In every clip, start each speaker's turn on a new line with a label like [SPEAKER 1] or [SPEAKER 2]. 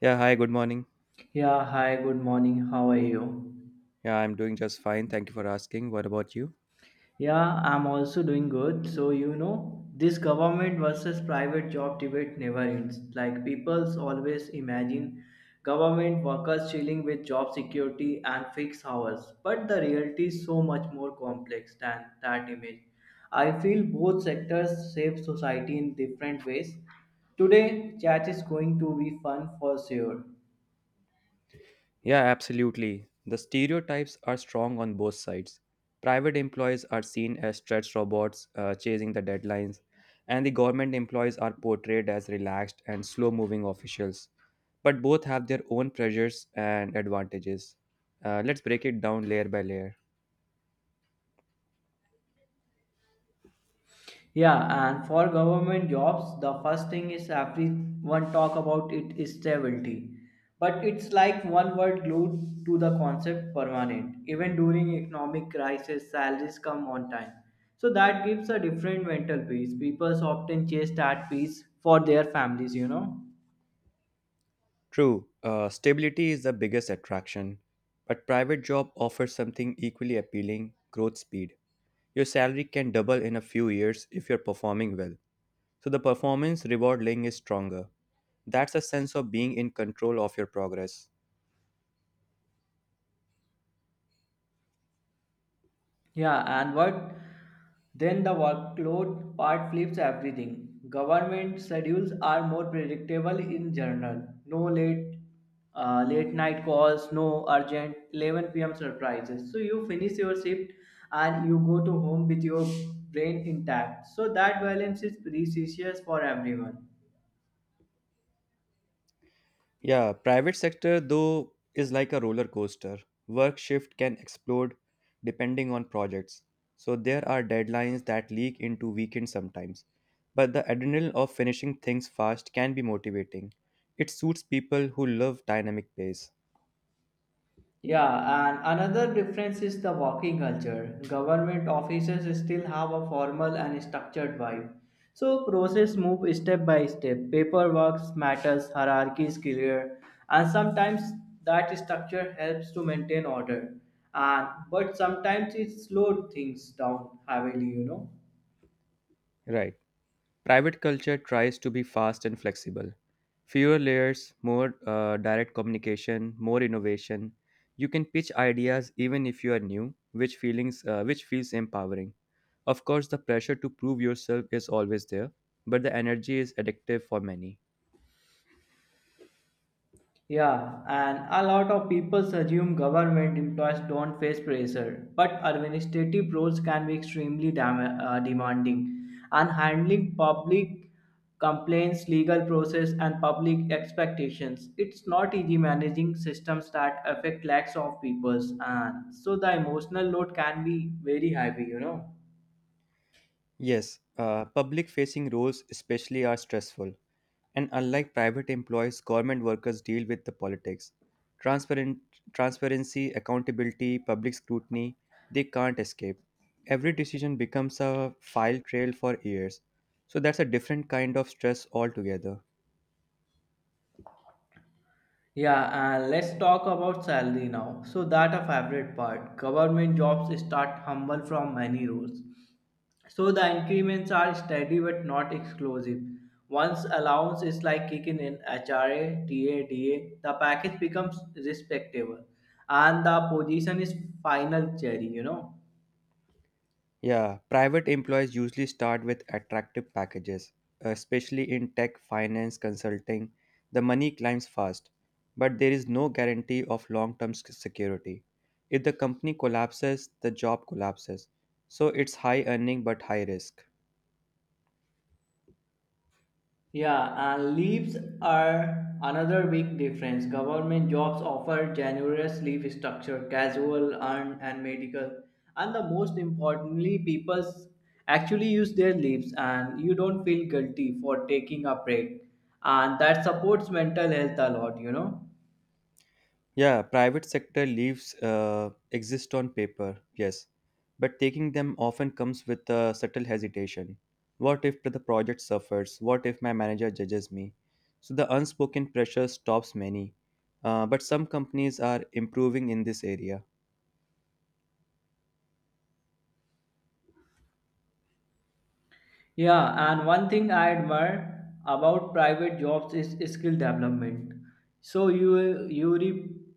[SPEAKER 1] Yeah, hi, good morning.
[SPEAKER 2] Yeah, hi, good morning. How are you?
[SPEAKER 1] Yeah, I'm doing just fine. Thank you for asking. What about you?
[SPEAKER 2] Yeah, I'm also doing good. So, this government versus private job debate never ends. Like, people's always imagine government workers chilling with job security and fixed hours. But the reality is so much more complex than that image. I feel both sectors shape society in different ways. Today, chat is going to be fun for sure.
[SPEAKER 1] Yeah, absolutely. The stereotypes are strong on both sides. Private employees are seen as stretched robots chasing the deadlines, and the government employees are portrayed as relaxed and slow moving officials. But both have their own pressures and advantages. Let's break it down layer by layer.
[SPEAKER 2] Yeah, and for government jobs, the first thing is everyone talk about it is stability. But it's like one word glued to the concept permanent. Even during economic crisis, salaries come on time. So that gives a different mental peace. People often chase that peace for their families.
[SPEAKER 1] True, stability is the biggest attraction, but private job offers something equally appealing growth speed. Your salary can double in a few years if you're performing well. So the performance reward link is stronger. That's a sense of being in control of your progress.
[SPEAKER 2] Yeah, and what Then the workload part flips everything. Government schedules are more predictable in general. No late night calls, no urgent 11 p.m. surprises. So you finish your shift and you go to home with your brain intact. So that balance is precious for everyone.
[SPEAKER 1] Yeah, private sector though is like a roller coaster. Work shift can explode depending on projects. So there are deadlines that leak into weekends sometimes. But the adrenaline of finishing things fast can be motivating. It suits people who love dynamic pace.
[SPEAKER 2] Yeah, and another difference is the working culture. Government offices still have a formal and structured vibe. So process move step by step. Paperwork matters, hierarchy is clear, and sometimes that structure helps to maintain order. And but sometimes it slows things down heavily.
[SPEAKER 1] Right. Private culture tries to be fast and flexible. Fewer layers, more direct communication, more innovation. You can pitch ideas even if you are new, which feels empowering. Of course, the pressure to prove yourself is always there, but the energy is addictive for many.
[SPEAKER 2] Yeah, and a lot of people assume government employees don't face pressure, but administrative roles can be extremely demanding, and handling public complaints, legal process, and public expectations. It's not easy managing systems that affect lakhs of peoples, and so the emotional load can be very heavy. You know.
[SPEAKER 1] Yes, public facing roles especially are stressful. And unlike private employees, government workers deal with the politics. Transparent, transparency, accountability, public scrutiny, they can't escape. Every decision becomes a file trail for years. So that's a different kind of stress altogether.
[SPEAKER 2] Yeah, and let's talk about salary now. So that a favorite part. Government jobs start humble from many roles. So the increments are steady but not exclusive. Once allowance is like kicking in HRA, TA, DA, the package becomes respectable and the position is final cherry.
[SPEAKER 1] Yeah, private employees usually start with attractive packages, especially in tech, finance, consulting. The money climbs fast, but there is no guarantee of long term security. If the company collapses, the job collapses. So it's high earning but high risk.
[SPEAKER 2] Yeah, and leaves are another big difference. Government jobs offer generous leave structure, casual, earned, and medical. And the most importantly, people actually use their leaves and you don't feel guilty for taking a break. And that supports mental health a lot.
[SPEAKER 1] Yeah, private sector leaves exist on paper, yes, but taking them often comes with a subtle hesitation. What if the project suffers? What if my manager judges me? So the unspoken pressure stops many, but some companies are improving in this area.
[SPEAKER 2] Yeah, and one thing I admire about private jobs is skill development. So you re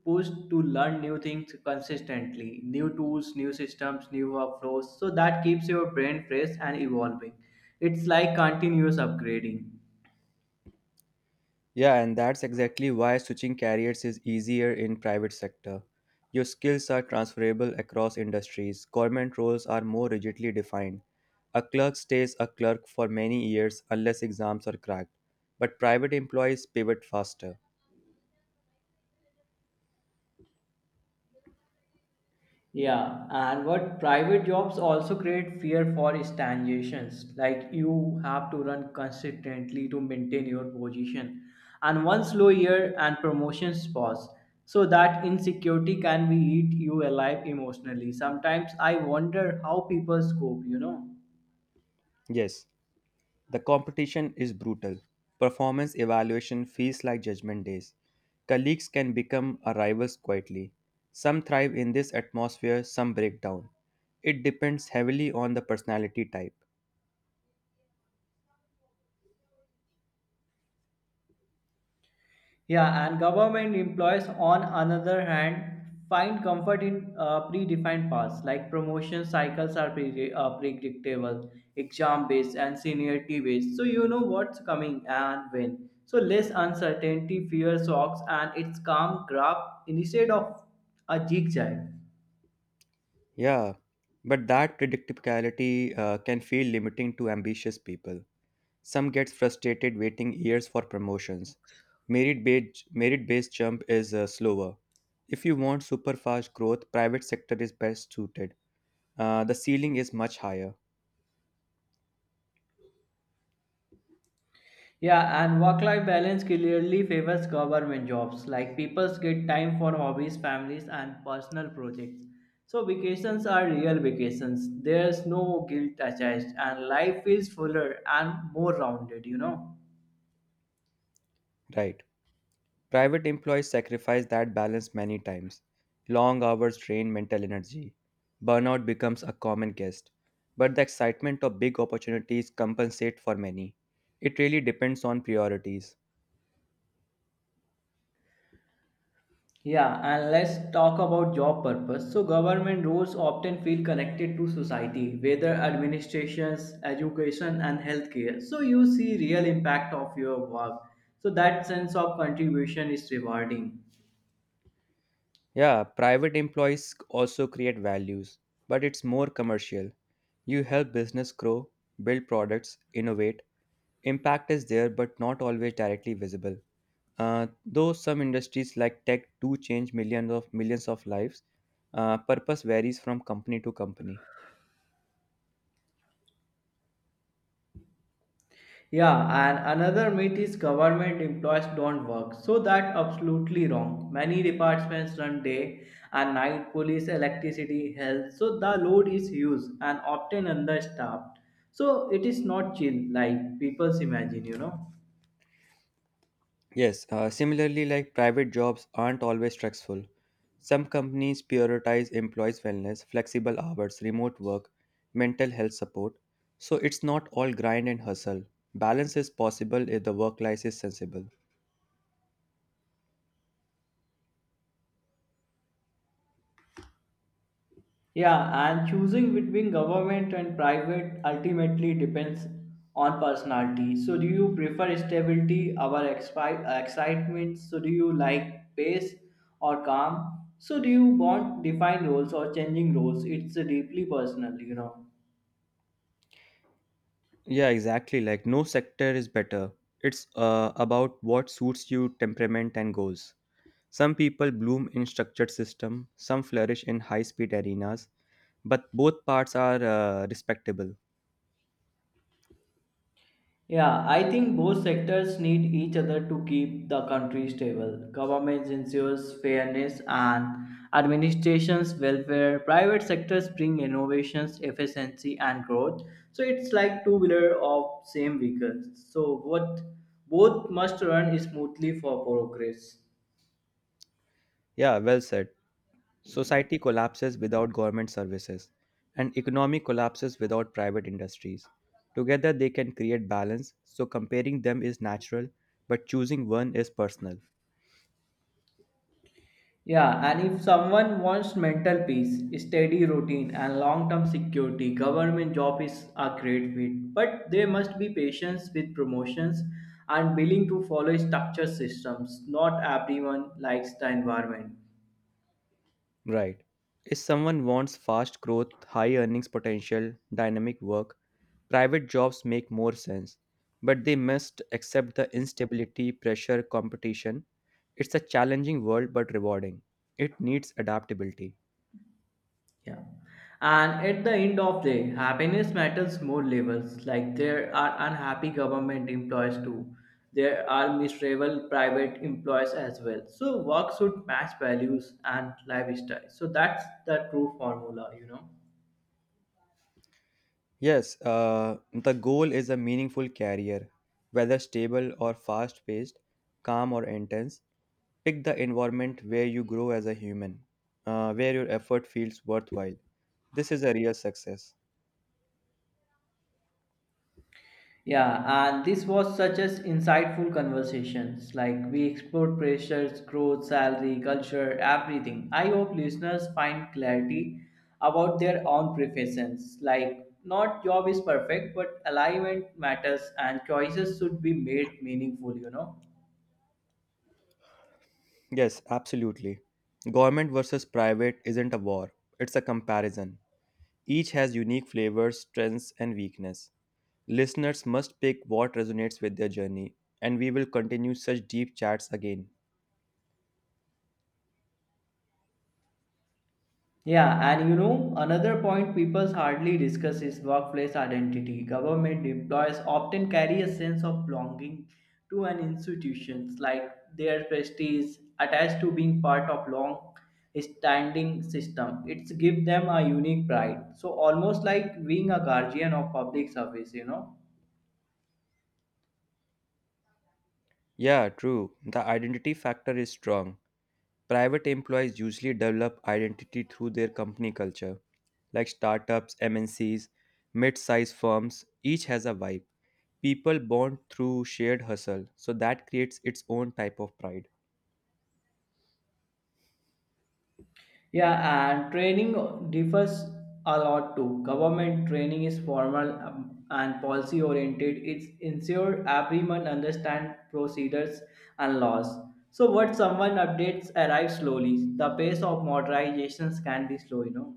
[SPEAKER 2] pushed to learn new things consistently, new tools, new systems, new workflows. So that keeps your brain fresh and evolving. It's like continuous upgrading.
[SPEAKER 1] Yeah, and that's exactly why switching careers is easier in private sector. Your skills are transferable across industries. Government roles are more rigidly defined. A clerk stays a clerk for many years unless exams are cracked. But private employees pivot faster.
[SPEAKER 2] Yeah, and what private jobs also create fear for stagnations. Like you have to run consistently to maintain your position, and one slow year and promotions pause. So that insecurity can be eat you alive emotionally. Sometimes I wonder how people cope. You know.
[SPEAKER 1] Yes, the competition is brutal. Performance evaluation feels like judgment days. Colleagues can become a rivals quietly. Some thrive in this atmosphere, some break down. It depends heavily on the personality type.
[SPEAKER 2] Yeah, and government employees, on another hand, find comfort in predefined paths, like promotion cycles are predictable, exam based, and seniority based. So you know what's coming and when. So less uncertainty, fewer shocks, and it's calm graph instead of a zigzag.
[SPEAKER 1] Yeah, but that predictability can feel limiting to ambitious people. Some get frustrated waiting years for promotions. Merit-based jump is slower. If you want super fast growth, private sector is best suited. The ceiling is much higher.
[SPEAKER 2] Yeah, and work-life balance clearly favors government jobs. Like people get time for hobbies, families, and personal projects. So vacations are real vacations. There's no guilt attached, and life is fuller and more rounded. You know.
[SPEAKER 1] Right? Private employees sacrifice that balance many times. Long hours drain mental energy. Burnout becomes a common guest. But the excitement of big opportunities compensate for many. It really depends on priorities.
[SPEAKER 2] Yeah, and let's talk about job purpose. So government roles often feel connected to society, whether administrations, education, and healthcare. So you see real impact of your work. So that sense of contribution is rewarding.
[SPEAKER 1] Yeah, private employees also create values, but it's more commercial. You help business grow, build products, innovate. Impact is there but not always directly visible. Though some industries like tech do change millions of lives, purpose varies from company to company.
[SPEAKER 2] Yeah, and another myth is government employees don't work. So that absolutely wrong. Many departments run day and night, police, electricity, health. So the load is huge and often understaffed. So it is not chill like people's imagine, you know.
[SPEAKER 1] Yes, similarly, like private jobs aren't always stressful. Some companies prioritize employees' wellness, flexible hours, remote work, mental health support. So it's not all grind and hustle. Balance is possible if the work life is sensible.
[SPEAKER 2] Yeah, and choosing between government and private ultimately depends on personality. So, do you prefer stability or excitement? So, do you like pace or calm? So, do you want defined roles or changing roles? It's deeply personal, you know.
[SPEAKER 1] Yeah, exactly. Like no sector is better. It's about what suits you, temperament, and goals. Some people bloom in structured system, some flourish in high-speed arenas, but both parts are respectable.
[SPEAKER 2] Yeah, I think both sectors need each other to keep the country stable. Government ensures fairness and administration's welfare. Private sectors bring innovations, efficiency, and growth. So it's like two wheeler of same vehicle. So what both must run smoothly for progress.
[SPEAKER 1] Yeah, well said. Society collapses without government services, and economy collapses without private industries. Together, they can create balance, so comparing them is natural, but choosing one is personal.
[SPEAKER 2] Yeah, and if someone wants mental peace, steady routine, and long term security, government job is a great fit. But there must be patience with promotions and willing to follow structured systems. Not everyone likes the environment.
[SPEAKER 1] Right. If someone wants fast growth, high earnings potential, dynamic work, private jobs make more sense. But they must accept the instability, pressure, competition. It's a challenging world but rewarding. It needs adaptability.
[SPEAKER 2] Yeah. And at the end of the day, happiness matters more levels. Like there are unhappy government employees too. There are miserable private employees as well. So work should match values and lifestyle. So that's the true formula, you know.
[SPEAKER 1] Yes, the goal is a meaningful career, whether stable or fast paced, calm or intense. Pick the environment where you grow as a human, where your effort feels worthwhile. This is a real success.
[SPEAKER 2] Yeah, and this was such as insightful conversations. Like we explored pressures, growth, salary, culture, everything. I hope listeners find clarity about their own preferences. Like not job is perfect, but alignment matters and choices should be made meaningful, you know.
[SPEAKER 1] Yes, absolutely. Government versus private isn't a war, it's a comparison. Each has unique flavors, strengths, and weakness. Listeners must pick what resonates with their journey, and we will continue such deep chats again.
[SPEAKER 2] Yeah, and another point people hardly discuss is workplace identity. Government employees often carry a sense of belonging to an institution, like their prestige attached to being part of long standing system. It's give them a unique pride. So almost like being a guardian of public service, you know.
[SPEAKER 1] Yeah, true. The identity factor is strong. Private employees usually develop identity through their company culture, like startups, MNCs, mid sized firms, each has a vibe. People bond through shared hustle, so that creates its own type of pride.
[SPEAKER 2] Yeah, and training differs a lot too. Government training is formal and policy oriented. It's ensure everyone understand procedures and laws. So what someone updates arrives slowly. The pace of modernizations can be slow, you know.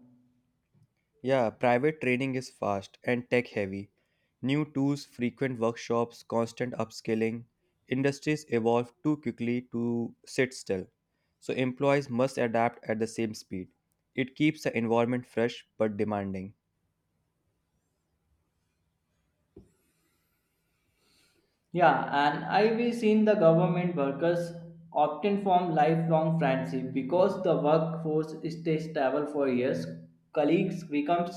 [SPEAKER 1] Yeah, private training is fast and tech heavy. New tools, frequent workshops, constant upskilling. Industries evolve too quickly to sit still. So employees must adapt at the same speed. It keeps the environment fresh but demanding.
[SPEAKER 2] Yeah, and I've seen the government workers often form lifelong friendship because the workforce stays stable for years. Colleagues becomes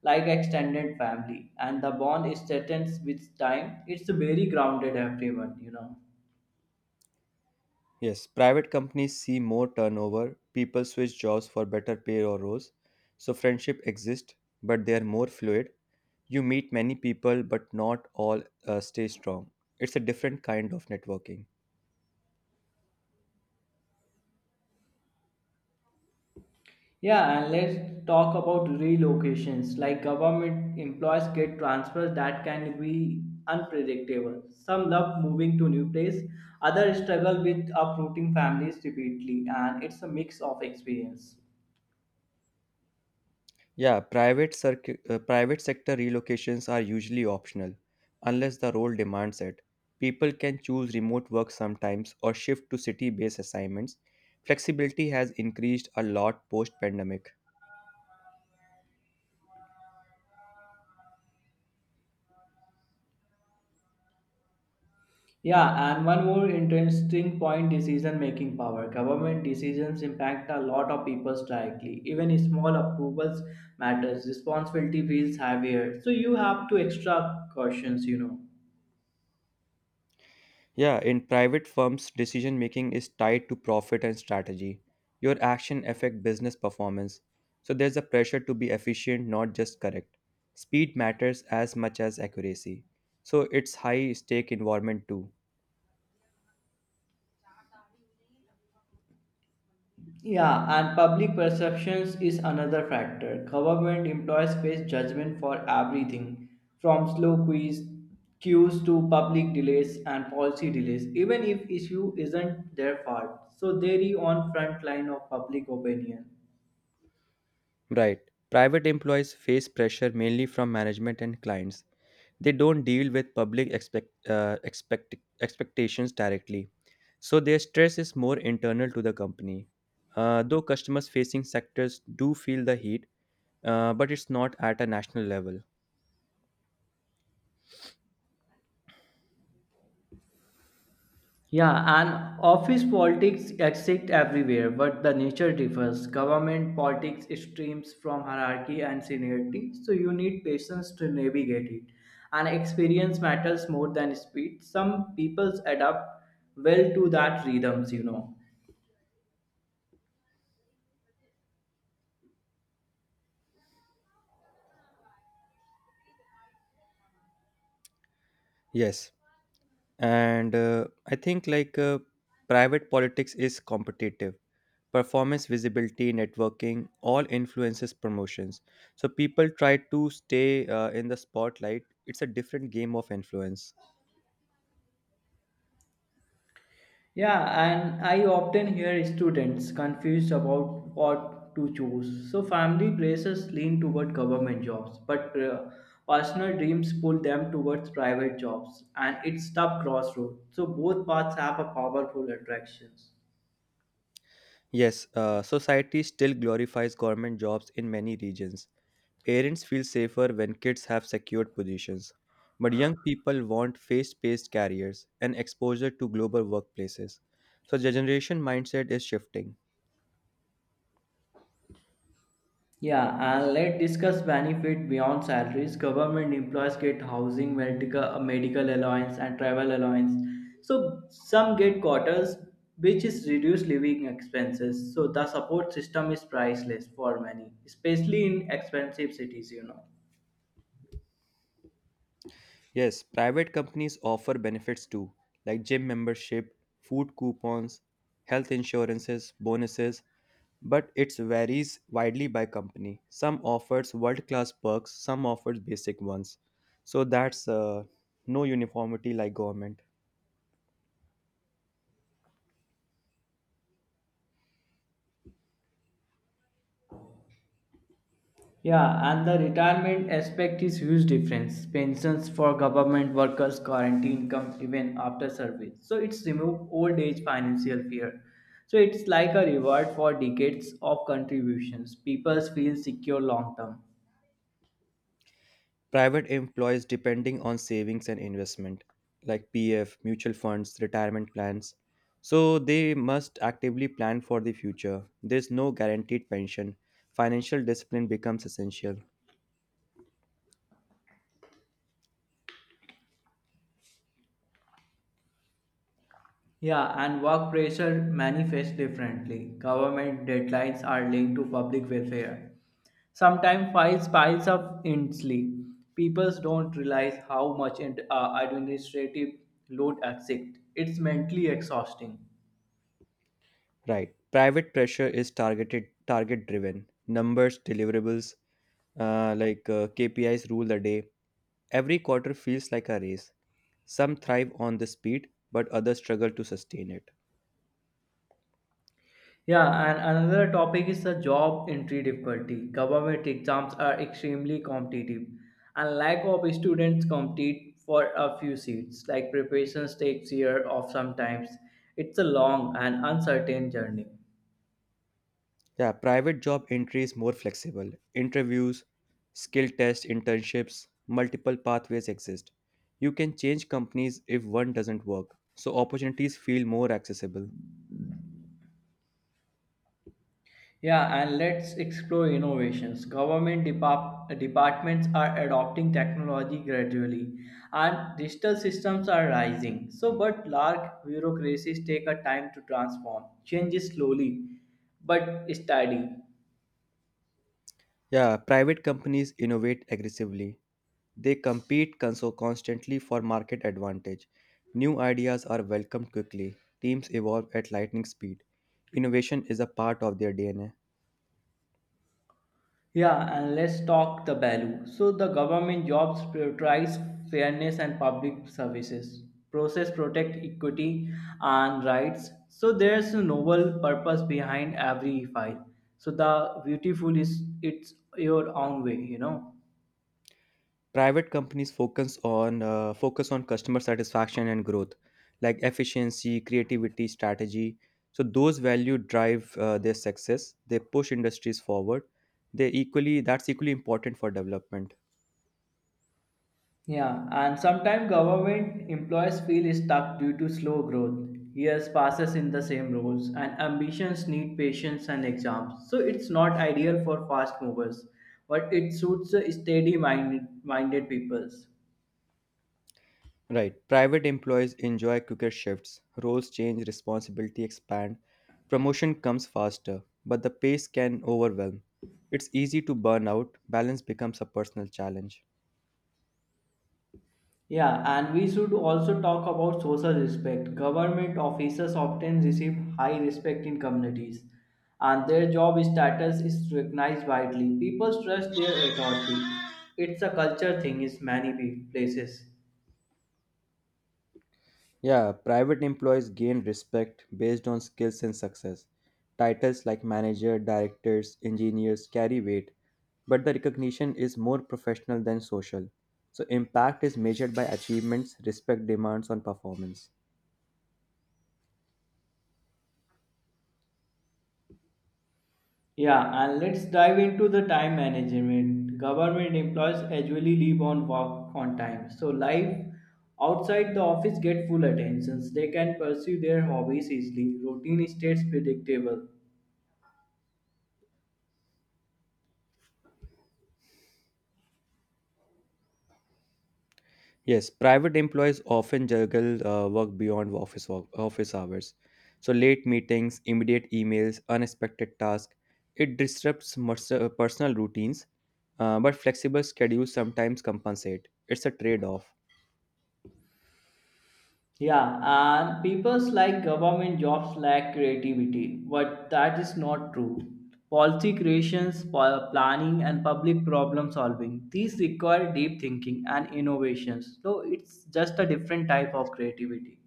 [SPEAKER 2] like extended family, and the bond is strengthens with time. It's very grounded everyone, you know.
[SPEAKER 1] Yes, private companies see more turnover, people switch jobs for better pay or roles. So friendship exists, but they are more fluid. You meet many people, but not all stay strong. It's a different kind of networking.
[SPEAKER 2] Yeah, and let's talk about relocations. Like government employees get transfers that can be unpredictable. Some love moving to new place, others struggle with uprooting families repeatedly, and it's a mix of experience.
[SPEAKER 1] Yeah, private sector relocations are usually optional unless the role demands it. People can choose remote work sometimes or shift to city-based assignments. Flexibility has increased a lot post-pandemic.
[SPEAKER 2] Yeah, and one more interesting point decision making power. Government decisions impact a lot of people directly. Even small approvals matters. Responsibility feels heavier. So you have to extra cautions, you know.
[SPEAKER 1] Yeah, in private firms, decision making is tied to profit and strategy. Your action affect business performance. So there's a pressure to be efficient, not just correct. Speed matters as much as accuracy. So it's high stake environment too.
[SPEAKER 2] Yeah, and public perceptions is another factor. Government employees face judgment for everything, from slow quiz queues to public delays and policy delays, even if issue isn't their fault. So they are on front line of public opinion.
[SPEAKER 1] Right. Private employees face pressure mainly from management and clients. They don't deal with expectations directly, so their stress is more internal to the company. Though customers facing sectors do feel the heat, but it's not at a national level.
[SPEAKER 2] Yeah, and office politics exist everywhere, but the nature differs. Government politics streams from hierarchy and seniority, so you need patience to navigate it. And experience matters more than speed. Some people adapt well to that rhythms, you know.
[SPEAKER 1] Yes. and I think like Private politics is competitive, performance visibility networking all influences promotions, so people try to stay in the spotlight. It's a different game of influence.
[SPEAKER 2] Yeah, and I often hear students confused about what to choose. So, family pressures lean toward government jobs, but personal dreams pull them towards private jobs, and it's tough crossroad. So, both paths have a powerful attractions.
[SPEAKER 1] Yes, society still glorifies government jobs in many regions. Parents feel safer when kids have secured positions, but young people want face-based careers and exposure to global workplaces, so the generation mindset is shifting.
[SPEAKER 2] Yeah, and let's discuss benefit beyond salaries. Government employees get housing, medical allowance, and travel allowance. So some get quarters, which is reduced living expenses. So the support system is priceless for many, especially in expensive cities. You know.
[SPEAKER 1] Yes, private companies offer benefits too, like gym membership, food coupons, health insurances, bonuses, but it varies widely by company. Some offers world-class perks, some offers basic ones. So that's no uniformity like government.
[SPEAKER 2] Yeah, and the retirement aspect is huge difference. Pensions for government workers guarantee income even after service. So it's remove old age financial fear. So it's like a reward for decades of contributions. People feel secure long term.
[SPEAKER 1] Private employees depending on savings and investment like PF, mutual funds, retirement plans. So they must actively plan for the future. There's no guaranteed pension. Financial discipline becomes essential.
[SPEAKER 2] Yeah, and work pressure manifests differently. Government deadlines are linked to public welfare. Sometimes files piles up endlessly. People don't realize how much administrative load exists. It's mentally exhausting.
[SPEAKER 1] Right. Private pressure is targeted, target driven. Numbers, deliverables, KPIs rule the day. Every quarter feels like a race. Some thrive on the speed, but others struggle to sustain it.
[SPEAKER 2] Yeah, and another topic is the job entry difficulty. Government exams are extremely competitive, and lack of students compete for a few seats. Like preparations takes year of sometimes. It's a long and uncertain journey.
[SPEAKER 1] Yeah, private job entry is more flexible. Interviews, skill tests, internships, multiple pathways exist. You can change companies if one doesn't work, so opportunities feel more accessible.
[SPEAKER 2] Yeah, and let's explore innovations. Government departments are adopting technology gradually, and digital systems are rising. So, but large bureaucracies take a time to transform. Change is slowly but steady.
[SPEAKER 1] Yeah, private companies innovate aggressively. They constantly for market advantage. New ideas are welcomed quickly. Teams evolve at lightning speed. Innovation is a part of their DNA.
[SPEAKER 2] Yeah, and let's talk the value. So the government jobs prioritize fairness and public services. Process protect equity and rights. So there's a noble purpose behind every file. So the beautiful is it's your own way, you know.
[SPEAKER 1] Private companies focus on customer satisfaction and growth, like efficiency creativity strategy, so those value drive their success. They push industries forward. They equally That's equally important for development.
[SPEAKER 2] Yeah, and sometimes government employees feel stuck due to slow growth. Years passes in the same roles, and ambitions need patience and exams. So it's not ideal for fast movers, but it suits steady-minded minded peoples.
[SPEAKER 1] Right, private employees enjoy quicker shifts. Roles change, responsibility expand, promotion comes faster, but the pace can overwhelm. It's easy to burn out, balance becomes a personal challenge.
[SPEAKER 2] Yeah, and we should also talk about social respect. Government officers often receive high respect in communities, and their job status is recognized widely. People trust their authority. It's a culture thing in many places.
[SPEAKER 1] Yeah, private employees gain respect based on skills and success. Titles like manager, directors, engineers carry weight, but the recognition is more professional than social. So, impact is measured by achievements, respect demands on performance.
[SPEAKER 2] Yeah, and let's dive into the time management. Government employees usually leave on work on time, so life outside the office get full attentions. They can pursue their hobbies easily. Routine stays predictable.
[SPEAKER 1] Yes, private employees often juggle work beyond office hours. So late meetings, immediate emails, unexpected tasks. It disrupts personal routines, but flexible schedules sometimes compensate. It's a trade-off.
[SPEAKER 2] Yeah, and people's like government jobs lack creativity, but that is not true. Policy creations, planning, and public problem solving these require deep thinking and innovations. So it's just a different type of creativity.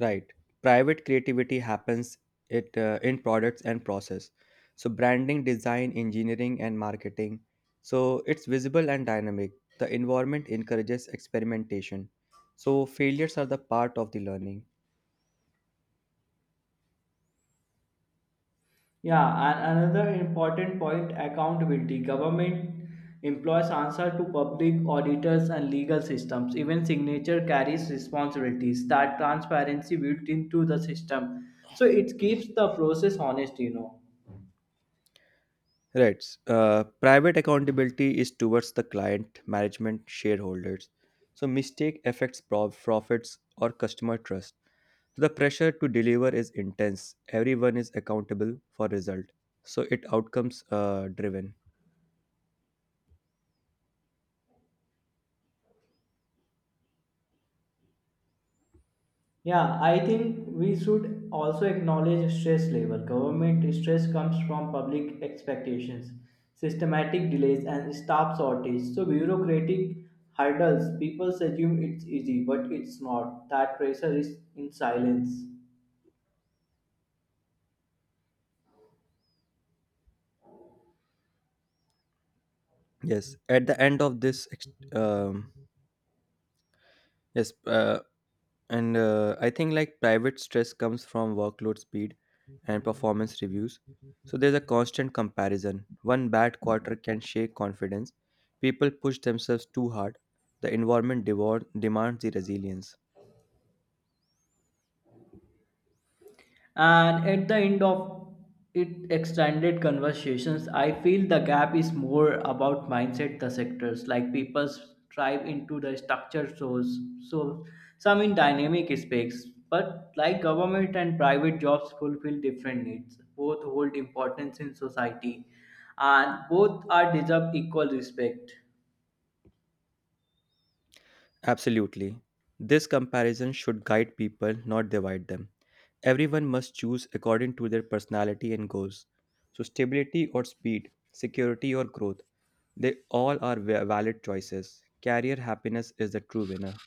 [SPEAKER 1] Right? Private creativity happens it in products and process. So branding, design, engineering, and marketing. So it's visible and dynamic. The environment encourages experimentation. So failures are the part of the learning.
[SPEAKER 2] Yeah, and another important point accountability. Government employs answer to public auditors and legal systems. Even signature carries responsibilities. That transparency built into the system. So it keeps the process honest, you know.
[SPEAKER 1] Right. Private accountability is towards the client, management, shareholders. So mistake affects profits or customer trust. So the pressure to deliver is intense. Everyone is accountable for result. So it outcomes driven.
[SPEAKER 2] Yeah, I think we should also acknowledge stress level. Government stress comes from public expectations, systematic delays, and staff shortage. So bureaucratic hurdles. People assume it's easy, but it's not. That pressure is in silence.
[SPEAKER 1] Yes. At the end of this, ex- um, yes. And I think like private stress comes from workload speed and performance reviews. So there's a constant comparison. One bad quarter can shake confidence. People push themselves too hard. Demands the resilience.
[SPEAKER 2] And at the end of it extended conversations, I feel the gap is more about mindset the sectors. Like people strive into the structured shows. So some in dynamic aspects. But like government and private jobs fulfill different needs. Both hold importance in society and both are deserve equal respect.
[SPEAKER 1] Absolutely. This comparison should guide people, not divide them. Everyone must choose according to their personality and goals. So, stability or speed, security or growth, they all are valid choices. Career happiness is the true winner.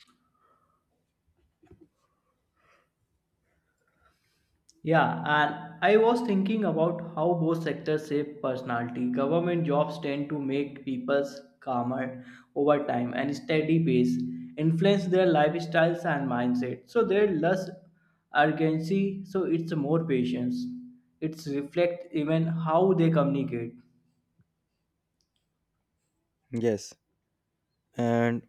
[SPEAKER 2] Yeah, and I was thinking about how both sectors shape personality. Government jobs tend to make people calmer over time and steady pace, influence their lifestyles and mindset. So there's less urgency, so it's more patience. It's reflect even how they communicate.
[SPEAKER 1] Yes, and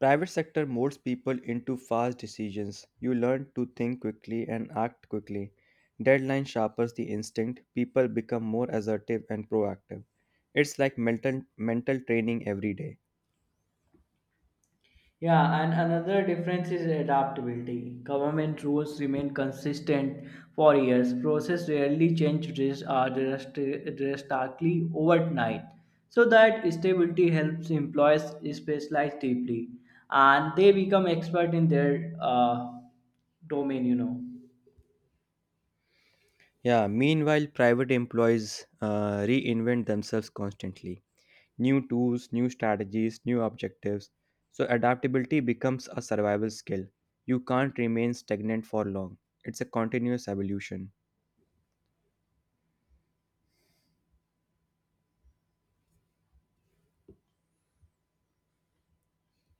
[SPEAKER 1] private sector molds people into fast decisions. You learn to think quickly and act quickly. Deadline sharpens the instinct. People become more assertive and proactive. It's like mental training every day.
[SPEAKER 2] Yeah, and another difference is adaptability. Government rules remain consistent for years. Process rarely change drastically overnight. So that stability helps employees specialize deeply and they become expert in their domain, you know.
[SPEAKER 1] Yeah, meanwhile, private employees reinvent themselves constantly. New tools, new strategies, new objectives. So, adaptability becomes a survival skill. You can't remain stagnant for long. It's a continuous evolution.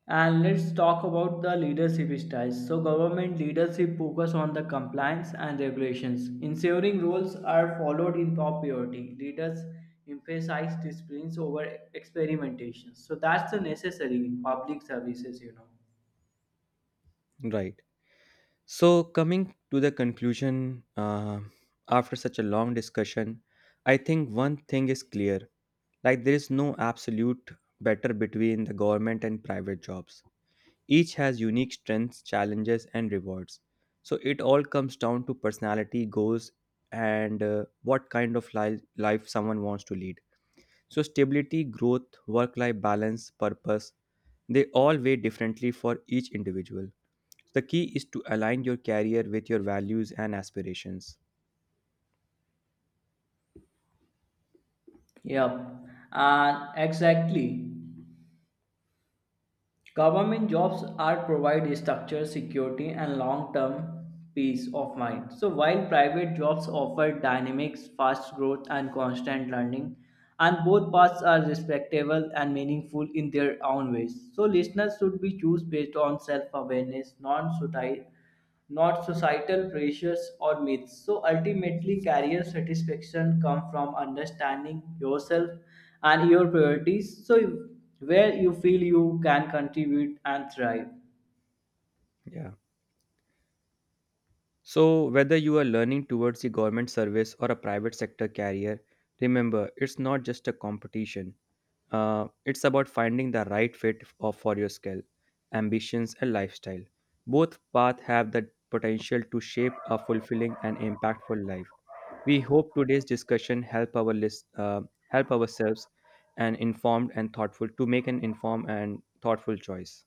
[SPEAKER 2] And let's talk about the leadership styles. So, government leadership focus on the compliance and regulations, ensuring rules are followed in top priority. Leaders emphasize disciplines over experimentation. So that's the necessary in public services, you know.
[SPEAKER 1] Right. So, coming to the conclusion after such a long discussion, I think one thing is clear, like, there is no absolute better between the government and private jobs. Each has unique strengths, challenges, and rewards. So, it all comes down to personality, goals, and what kind of life someone wants to lead. So, stability, growth, work life balance, purpose, they all weigh differently for each individual. The key is to align your career with your values and aspirations.
[SPEAKER 2] Yep, and exactly. Government jobs are provide structure, security, and long-term peace of mind. So while private jobs offer dynamics, fast growth, and constant learning, and both paths are respectable and meaningful in their own ways. So listeners should be choose based on self-awareness, non-society not societal pressures or myths. So ultimately, career satisfaction comes from understanding yourself and your priorities. So where you feel you can contribute and thrive.
[SPEAKER 1] Yeah. So, whether you are learning towards the government service or a private sector career, remember it's not just a competition. It's about finding the right fit of, for your skill, ambitions, and lifestyle. Both paths have the potential to shape a fulfilling and impactful life. We hope today's discussion help ourselves, and informed and thoughtful to make an informed and thoughtful choice.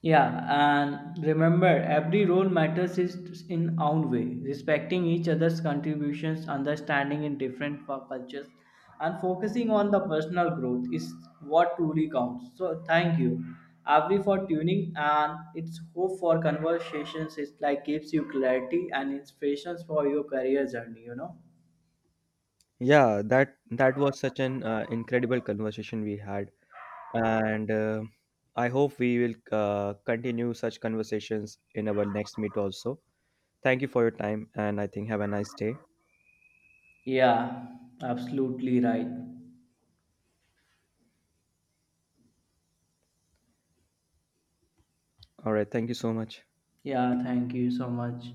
[SPEAKER 2] Yeah, and remember, every role matters is in own way. Respecting each other's contributions, understanding in different cultures, and focusing on the personal growth is what truly counts. So thank you, Avri, for tuning, and it's hope for conversations. It like gives you clarity and inspirations for your career journey. You know.
[SPEAKER 1] Yeah, that was such an incredible conversation we had, and I hope we will continue such conversations in our next meet also. Thank you for your time, and I think have a nice day.
[SPEAKER 2] Yeah, absolutely right.
[SPEAKER 1] All right, thank you so much.
[SPEAKER 2] Yeah, thank you so much.